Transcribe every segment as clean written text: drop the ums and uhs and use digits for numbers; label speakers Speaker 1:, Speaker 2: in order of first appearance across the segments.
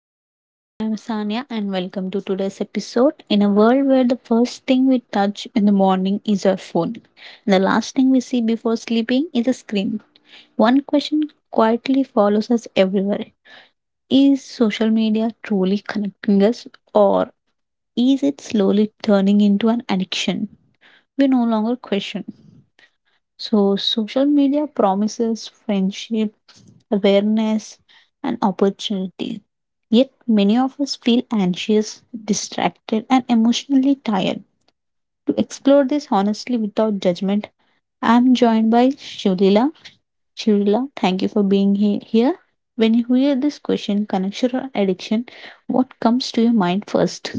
Speaker 1: Hello everyone, I am Sanya and welcome to today's episode. In a world where the first thing we touch in the morning is our phone, and the last thing we see before sleeping is a screen, one question quietly follows us everywhere. Is social media truly connecting us, or is it slowly turning into an addiction? We no longer question. So, social media promises friendship, awareness, and opportunity. Yet, many of us feel anxious, distracted, and emotionally tired. To explore this honestly without judgment, I'm joined by Shivlila. Shivlila, thank you for being here. When you hear this question, connection or addiction, what comes to your mind first?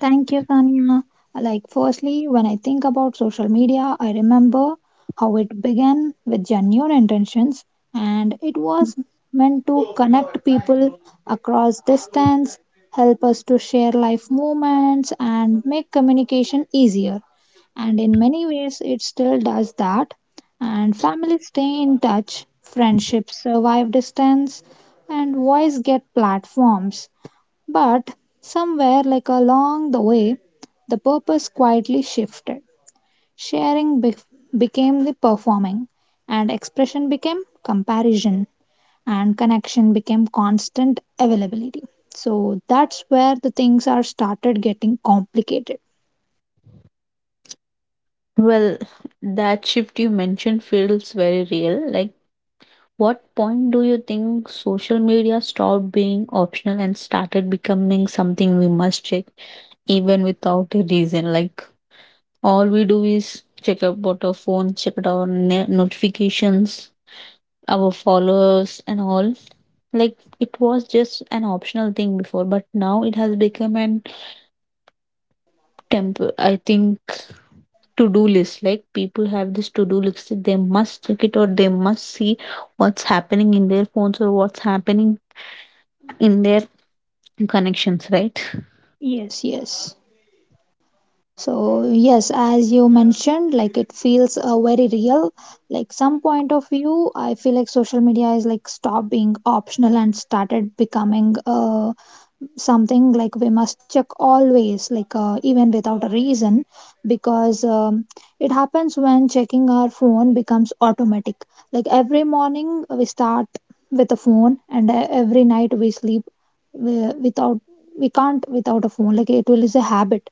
Speaker 2: Thank you, Kanya. Firstly, when I think about social media, I remember how it began with genuine intentions and it was meant to connect people across distance, help us to share life moments, and make communication easier. And in many ways, it still does that. And families stay in touch, friendships survive distance, and voice get platforms. But somewhere along the way, the purpose quietly shifted. Sharing be- Became the performing, and expression became comparison, and connection became constant availability. So that's where the things are started getting complicated.
Speaker 1: Well, that shift you mentioned feels very real. Like, what point do you think social media stopped being optional and started becoming something we must check even without a reason? Like, all we do is check about our phone, check out our notifications, our followers and all. Like, it was just an optional thing before, but now it has become an temp I think to-do list. Like, people have this to-do list that they must check it, or they must see what's happening in their phones, or what's happening in their connections, right?
Speaker 2: Yes, yes. So, yes, as you mentioned, like it feels very real. Like some point of view, I feel like social media is like stopped being optional and started becoming something like we must check always like even without a reason because it happens when checking our phone becomes automatic, like every morning we start with a phone, and every night we sleep wi- without we can't without a phone. Like it will is a habit,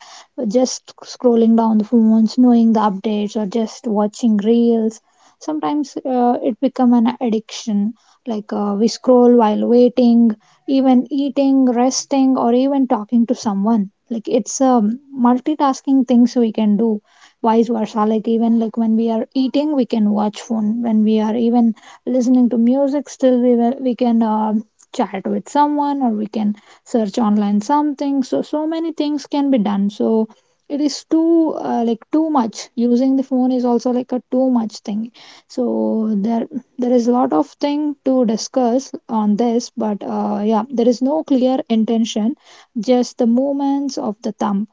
Speaker 2: just scrolling down the phones, knowing the updates or just watching reels. Sometimes it become an addiction, like we scroll while waiting, even eating, resting, or even talking to someone. It's multitasking things we can do vice versa, like even like when we are eating we can watch phone, when we are even listening to music, still we can chat with someone, or we can search online something. So so many things can be done, so it is too like too much. Using the phone is also like a too much thing. So there is a lot of thing to discuss on this, but yeah, there is no clear intention, just the movements of the thumb.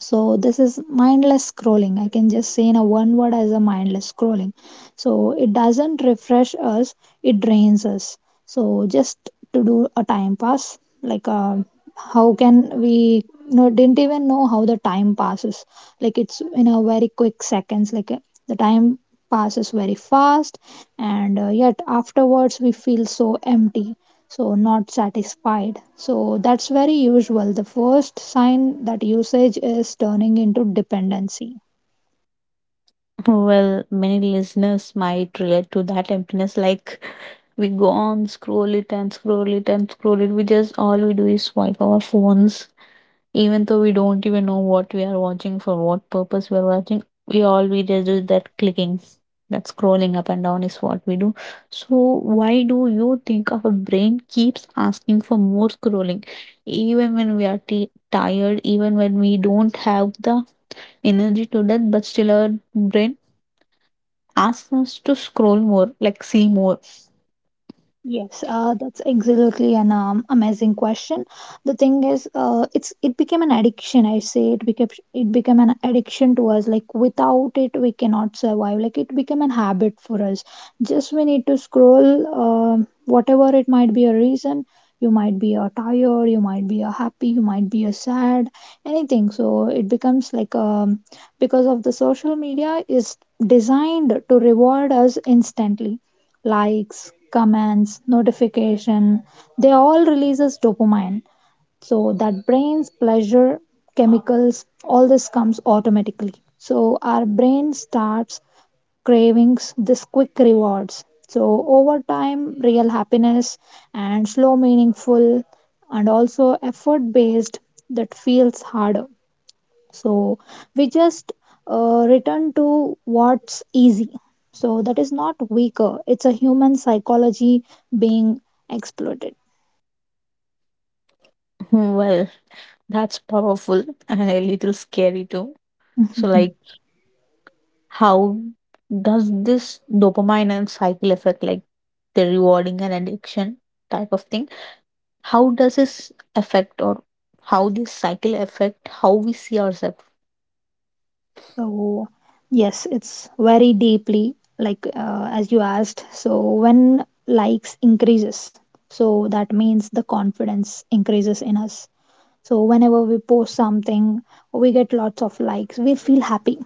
Speaker 2: So this is mindless scrolling. I can just say in a one word as a mindless scrolling. So it doesn't refresh us, it drains us. So just to do a time pass, like how can we no didn't even know how the time passes. Like it's in a very quick seconds. Like the time passes very fast, and yet afterwards we feel so empty, so not satisfied. So that's very usual, the first sign that usage is turning into dependency.
Speaker 1: Well, many listeners might relate to that emptiness. Like, we go on, scroll it and scroll it and scroll it. We just, all we do is swipe our phones, even though we don't even know what we are watching, for what purpose we are watching. We all, we just do that clicking, that scrolling up and down is what we do. So why do you think our brain keeps asking for more scrolling, even when we are tired, even when we don't have the energy to that, but still our brain asks us to scroll more, like see more.
Speaker 2: Yes, that's absolutely an amazing question. The thing is, it became an addiction. I say it became an addiction to us. Like without it, we cannot survive. Like it became an habit for us. Just we need to scroll, whatever it might be a reason. You might be a tired, you might be a happy, you might be a sad, anything. So it becomes like because of the social media is designed to reward us instantly. Likes, comments, notification, they all releases dopamine. So that brain's pleasure chemicals, all this comes automatically. So our brain starts cravings this quick rewards. So over time, real happiness and slow, meaningful, and also effort based, that feels harder. So we just return to what's easy. So that is not weaker, it's a human psychology being exploited.
Speaker 1: Hmm. Well, that's powerful and a little scary too. So, like, how does this dopamine and cycle effect, like the rewarding and addiction type of thing, how does this affect, or how this cycle affect how we see ourselves?
Speaker 2: So, yes, it's very deeply like as you asked. So, when likes increases, so that means the confidence increases in us. So whenever we post something, we get lots of likes. We feel happy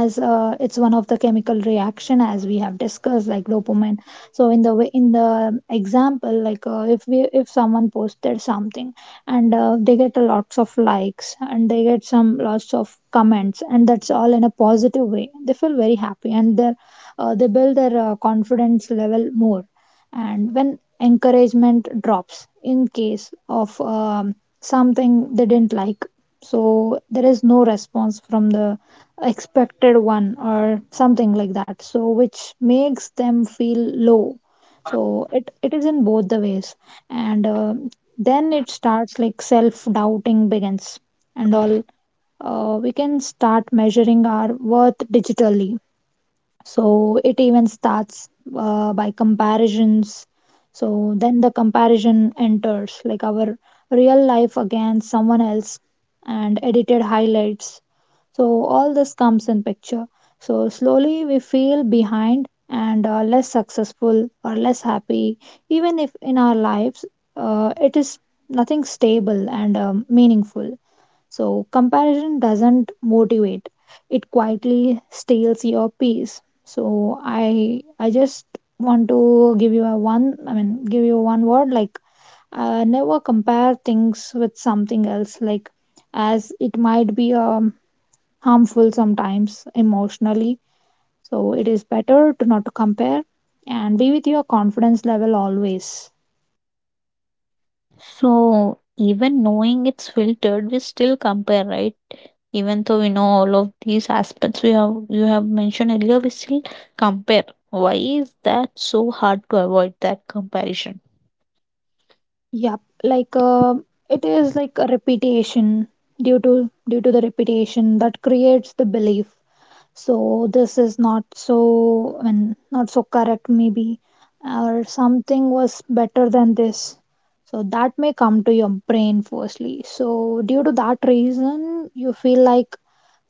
Speaker 2: as it's one of the chemical reaction as we have discussed, like dopamine. So in the way, in the example, like if someone posted something and they get a lots of likes and they get some lots of comments, and that's all in a positive way, they feel very happy, and they build their confidence level more. And when encouragement drops in case of something they didn't like, so there is no response from the expected one or something like that, so which makes them feel low. So it is in both the ways. And then it starts like self doubting begins and all. We can start measuring our worth digitally, so it even starts by comparisons. So then the comparison enters, like our real life against someone else and edited highlights. So all this comes in picture. So slowly we feel behind and less successful or less happy, even if in our lives it is nothing stable and meaningful. So, comparison doesn't motivate, it quietly steals your peace. So, I just want to give you a give you one word like never compare things with something else, like as it might be harmful sometimes emotionally. So, it is better to not to compare and be with your confidence level always.
Speaker 1: So even knowing it's filtered, we still compare, right? Even though we know all of these aspects we have, you have mentioned earlier, we still compare. Why is that so hard to avoid that comparison?
Speaker 2: Yep, like it is like a repetition due to the repetition that creates the belief. So this is not, not so correct maybe, or something was better than this. So that may come to your brain firstly. So due to that reason, you feel like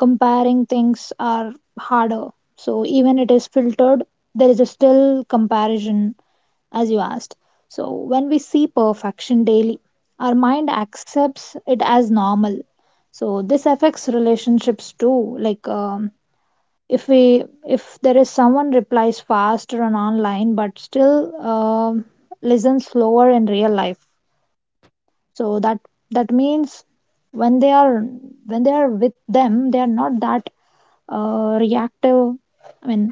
Speaker 2: comparing things are harder. So even it is filtered, there is a still comparison as you asked. So, when we see perfection daily, our mind accepts it as normal. So, this affects relationships too. Like, if there is someone replies faster on online but still listens slower in real life, so that means when they are when they are with them, they are not that reactive, I mean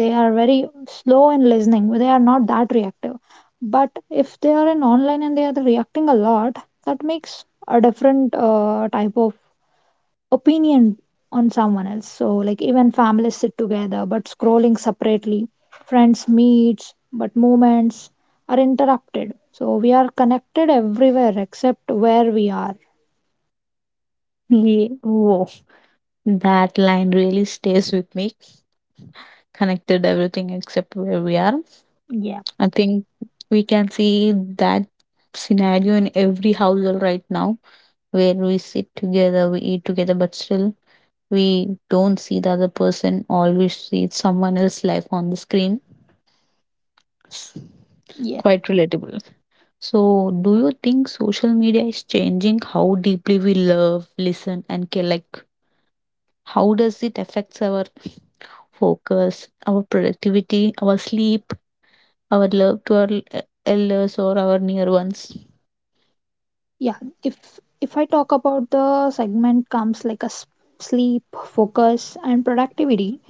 Speaker 2: they are very slow in listening, they are not that reactive, but if they are in online and they are reacting a lot, that makes a different type of opinion on someone else. So, like, even families sit together but scrolling separately, friends meets but moments are interrupted. So, we are connected everywhere except where we are.
Speaker 1: Yeah, whoa, that line really stays with me. Connected everything except where we are.
Speaker 2: Yeah.
Speaker 1: I think we can see that scenario in every household right now, where we sit together, we eat together, but still we don't see the other person. Always see is someone else's life on the screen.
Speaker 2: Yes.
Speaker 1: Quite relatable. So, do you think social media is changing how deeply we love, listen, and care? Like, how does it affects our focus, our productivity, our sleep, our love to our elders or our near ones.
Speaker 2: Yeah, if I talk about the segment comes like a sleep, focus, and productivity.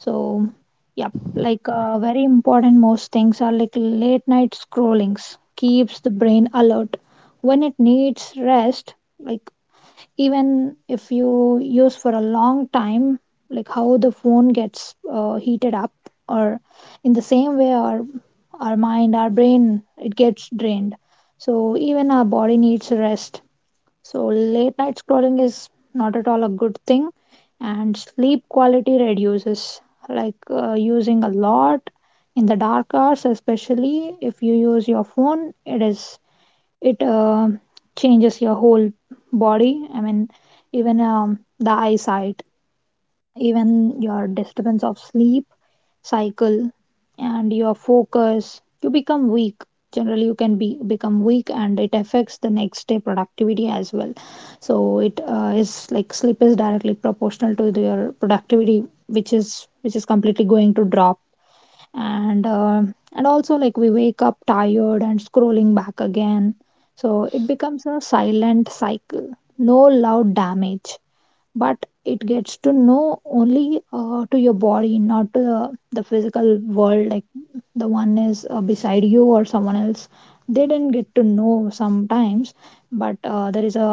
Speaker 2: So, yeah, like very important most things are like late night scrollings keeps the brain alert when it needs rest. Like, even if you use for a long time, like how the phone gets heated up, or in the same way our mind, our brain, it gets drained. So even our body needs rest, so late night scrolling is not at all a good thing, and sleep quality reduces, like using a lot in the dark hours. Especially if you use your phone, it changes your whole body. I mean, even the eyesight, even your disturbance of sleep cycle, and your focus you become weak. Generally you can be become weak, and it affects the next day productivity as well. So it is like sleep is directly proportional to your productivity, which is completely going to drop. And uh, and also, like, we wake up tired and scrolling back again, so it becomes a silent cycle, no loud damage, but it gets to know only to your body, not to the physical world, like the one is beside you or someone else, they didn't get to know sometimes. But there is a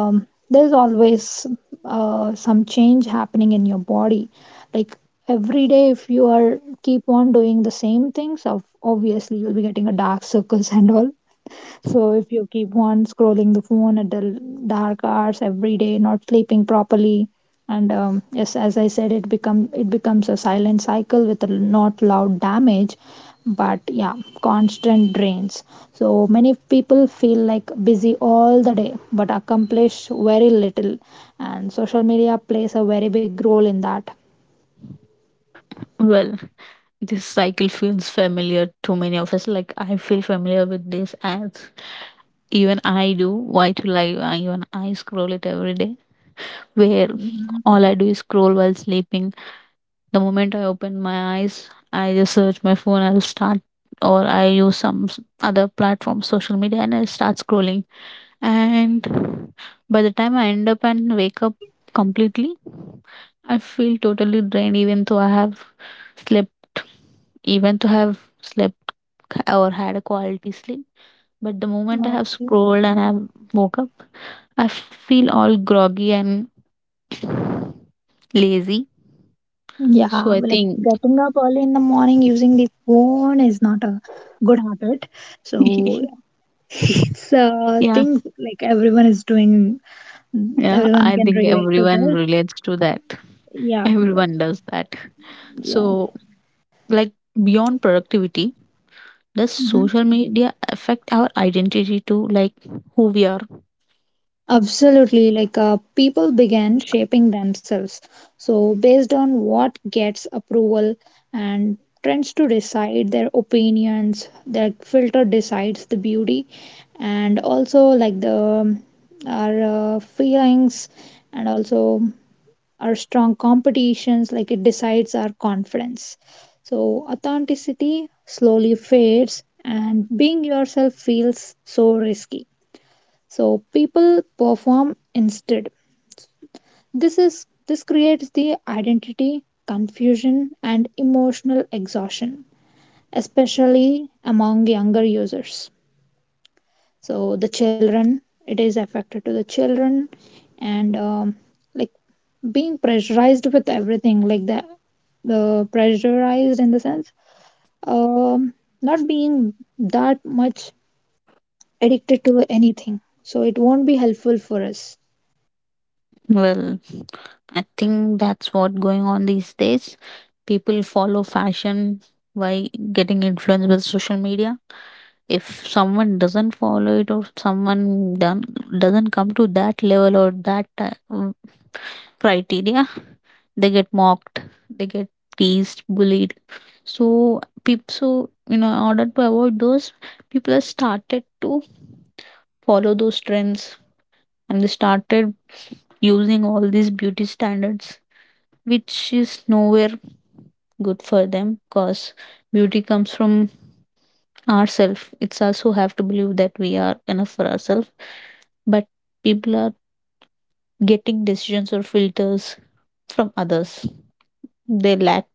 Speaker 2: there's always some change happening in your body, like every day, if you are keep on doing the same things, of obviously you'll be getting a dark circles and all. So if you keep on scrolling the phone at the dark hours every day, not sleeping properly, and yes, as I said, it becomes a silent cycle with a not loud damage, but yeah, constant drains. So many people feel like busy all the day but accomplish very little, and social media plays a very big role in that.
Speaker 1: Well, this cycle feels familiar to many of us. Like, I feel familiar with these ads, even I do. Why to lie? Even I scroll it every day, where all I do is scroll while sleeping. The moment I open my eyes, I just search my phone. I'll start, or I use some other platform social media, and I start scrolling. And by the time I end up and wake up completely, I feel totally drained, even though I have slept, even though I have slept or had a quality sleep. But the moment I have scrolled and I have woke up, I feel all groggy and lazy. So
Speaker 2: Yeah,
Speaker 1: I
Speaker 2: like
Speaker 1: think,
Speaker 2: getting up early in the morning using the phone is not a good habit. So it's a
Speaker 1: yeah,
Speaker 2: thing like everyone is doing,
Speaker 1: yeah,
Speaker 2: everyone
Speaker 1: I
Speaker 2: can
Speaker 1: think
Speaker 2: relate to
Speaker 1: everyone
Speaker 2: this.
Speaker 1: relates to that.
Speaker 2: Yeah,
Speaker 1: Everyone does that.
Speaker 2: yeah.
Speaker 1: So, like, beyond productivity, does
Speaker 2: Mhm.
Speaker 1: social media affect our identity too? Like, who we are?
Speaker 2: Absolutely, like people began shaping themselves. So, based on what gets approval and trends to decide their opinions, their filter decides the beauty, and also like the our feelings, and also our strong competitions, like it decides our confidence. So, authenticity slowly fades, and being yourself feels so risky, so people perform instead. This is, this creates the identity confusion and emotional exhaustion, especially among younger users. So the children, it is affected to the children. And like being pressurized with everything, like the pressurized in the sense, um not being that much addicted to anything, so it won't be helpful for us.
Speaker 1: Well, I think that's what going on these days. People follow fashion by getting influenced with social media. If someone doesn't follow it, or someone done doesn't come to that level or that criteria, they get mocked, they get teased, bullied. So people, so you know, in order to avoid those, people have started to follow those trends, and they started using all these beauty standards, which is nowhere good for them, because beauty comes from ourselves. It's also have to believe that we are enough for ourselves. But people are getting decisions or filters from others. They lack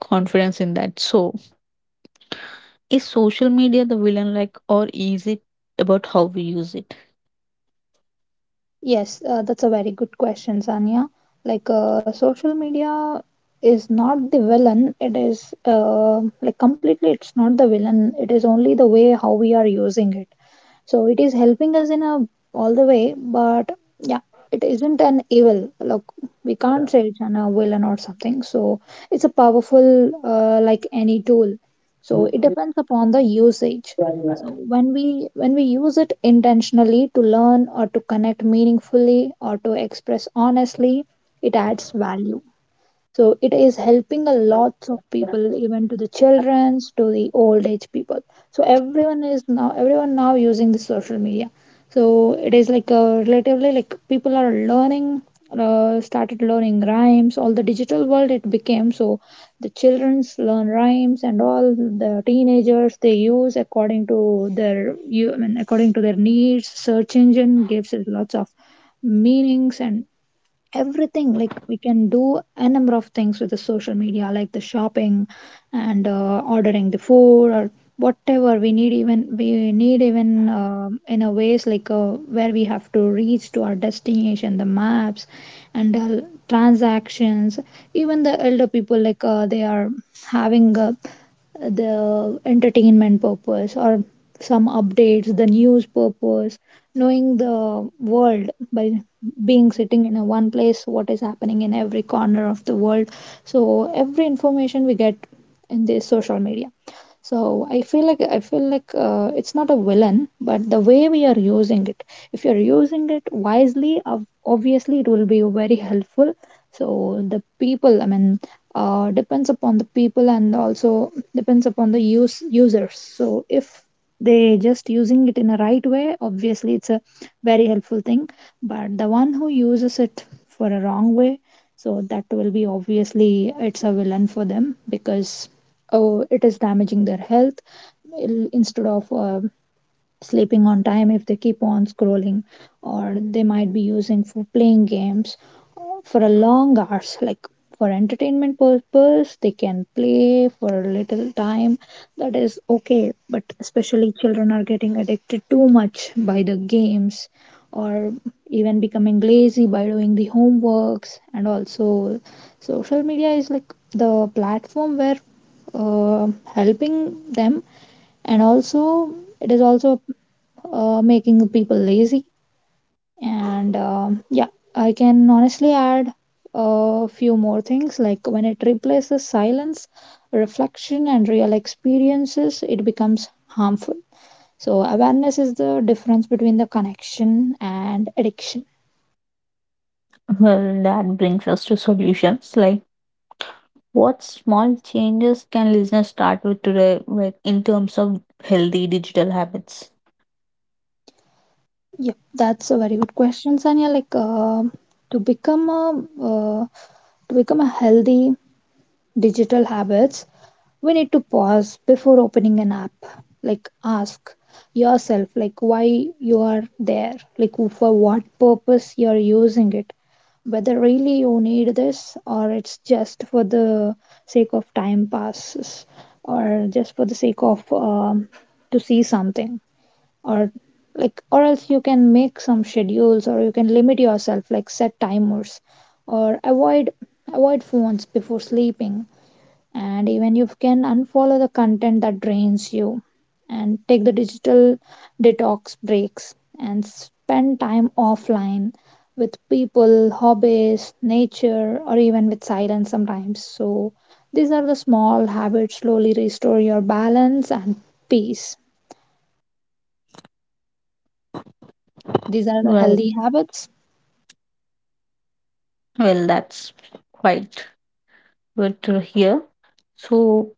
Speaker 1: confidence in that. So is social media the villain, like, or is it about how we use it?
Speaker 2: Yes, that's a very good question, Sanya. Like, social media is not the villain. It is like completely, it's not the villain. It is only the way how we are using it. So it is helping us in a all the way, but yeah, it isn't an evil. Look, we can't say it's an a villain or something. So it's a powerful, like any tool. So it depends upon the usage. So when we use it intentionally to learn or to connect meaningfully or to express honestly, it adds value. So it is helping a lots of people, even to the childrens, to the old age people. So everyone is now, everyone now using the social media. So it is like a relatively like people are learning, started learning rhymes. All the digital world it became so, the children's learn rhymes, and all the teenagers they use according to their, you I mean, according to their needs. Search engine gives it lots of meanings and everything. Like we can do a number of things with the social media, like the shopping and ordering the food, or whatever we need. Even we need, even in a ways like, where we have to reach to our destination, the maps and transactions. Even the elder people, like they are having the entertainment purpose, or some updates, the news purpose, knowing the world by being sitting in a one place, what is happening in every corner of the world. So every information we get in this social media. So I feel like it's not a villain, but the way we are using it. If you're using it wisely, obviously it will be very helpful. So the people, I mean, depends upon the people, and also depends upon the use users. So if they just using it in a right way, obviously it's a very helpful thing. But the one who uses it for a wrong way, so that will be, obviously it's a villain for them, because oh it is damaging their health. Instead of sleeping on time, if they keep on scrolling, or they might be using for playing games for a long hours. Like for entertainment purpose they can play for a little time, that is okay. But especially children are getting addicted too much by the games, or even becoming lazy by doing the homeworks. And also social media is like the platform where uh, helping them, and also it is also making people lazy. And yeah, I can honestly add a few more things, like when it replaces silence, reflection, and real experiences, it becomes harmful. So, awareness is the difference between the connection and addiction.
Speaker 1: Well, that brings us to solutions, like what small changes can listeners start with today, like in terms of healthy digital habits?
Speaker 2: Yeah, that's a very good question, Sanya. Like, to become a uh, to become a healthy digital habits, we need to pause before opening an app. Like ask yourself like why you are there, like for what purpose you are using it, whether really you need this, or it's just for the sake of time passes, or just for the sake of to see something, or like, or else you can make some schedules, or you can limit yourself like set timers, or avoid phones before sleeping. And even you can unfollow the content that drains you, and take the digital detox breaks and spend time offline with people, hobbies, nature, or even with silence sometimes. So these are the small habits, slowly restore your balance and peace. These are the
Speaker 1: Well,
Speaker 2: healthy habits.
Speaker 1: well, that's quite good to hear. So,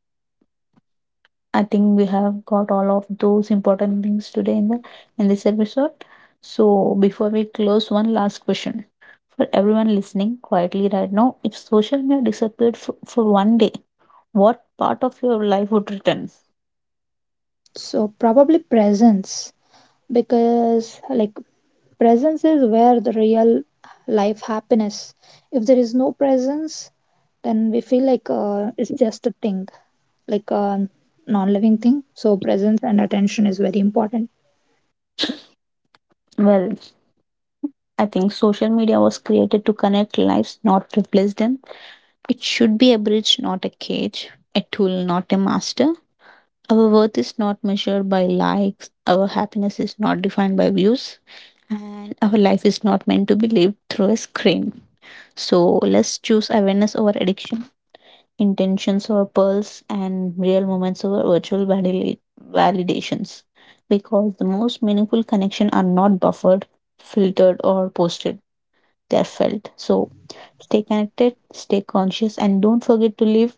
Speaker 1: I think we have got all of those important things today in the in this episode. So before we close, one last question for everyone listening quietly right now: if social media disappeared for one day, what part of your life would return?
Speaker 2: So probably presence, because like presence is where the real life happiness. If there is no presence, then we feel like it's just a thing, like a non-living thing. So presence and attention is very important.
Speaker 1: Well, I think social media was created to connect lives, not replace them. It should be a bridge, not a cage, a tool, not a master. Our worth is not measured by likes, our happiness is not defined by views, and our life is not meant to be lived through a screen. So let's choose awareness over addiction, intentions over pearls, and real moments over validations. Because the most meaningful connection are not buffered, filtered, or posted. They are felt. So stay connected, stay conscious, and don't forget to live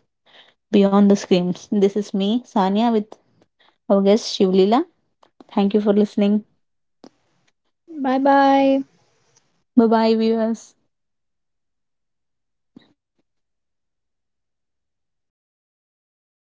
Speaker 1: beyond the screens. This is me, Sanya, with our guest Shivlila. Thank you for listening.
Speaker 2: Bye bye.
Speaker 1: Bye bye, viewers.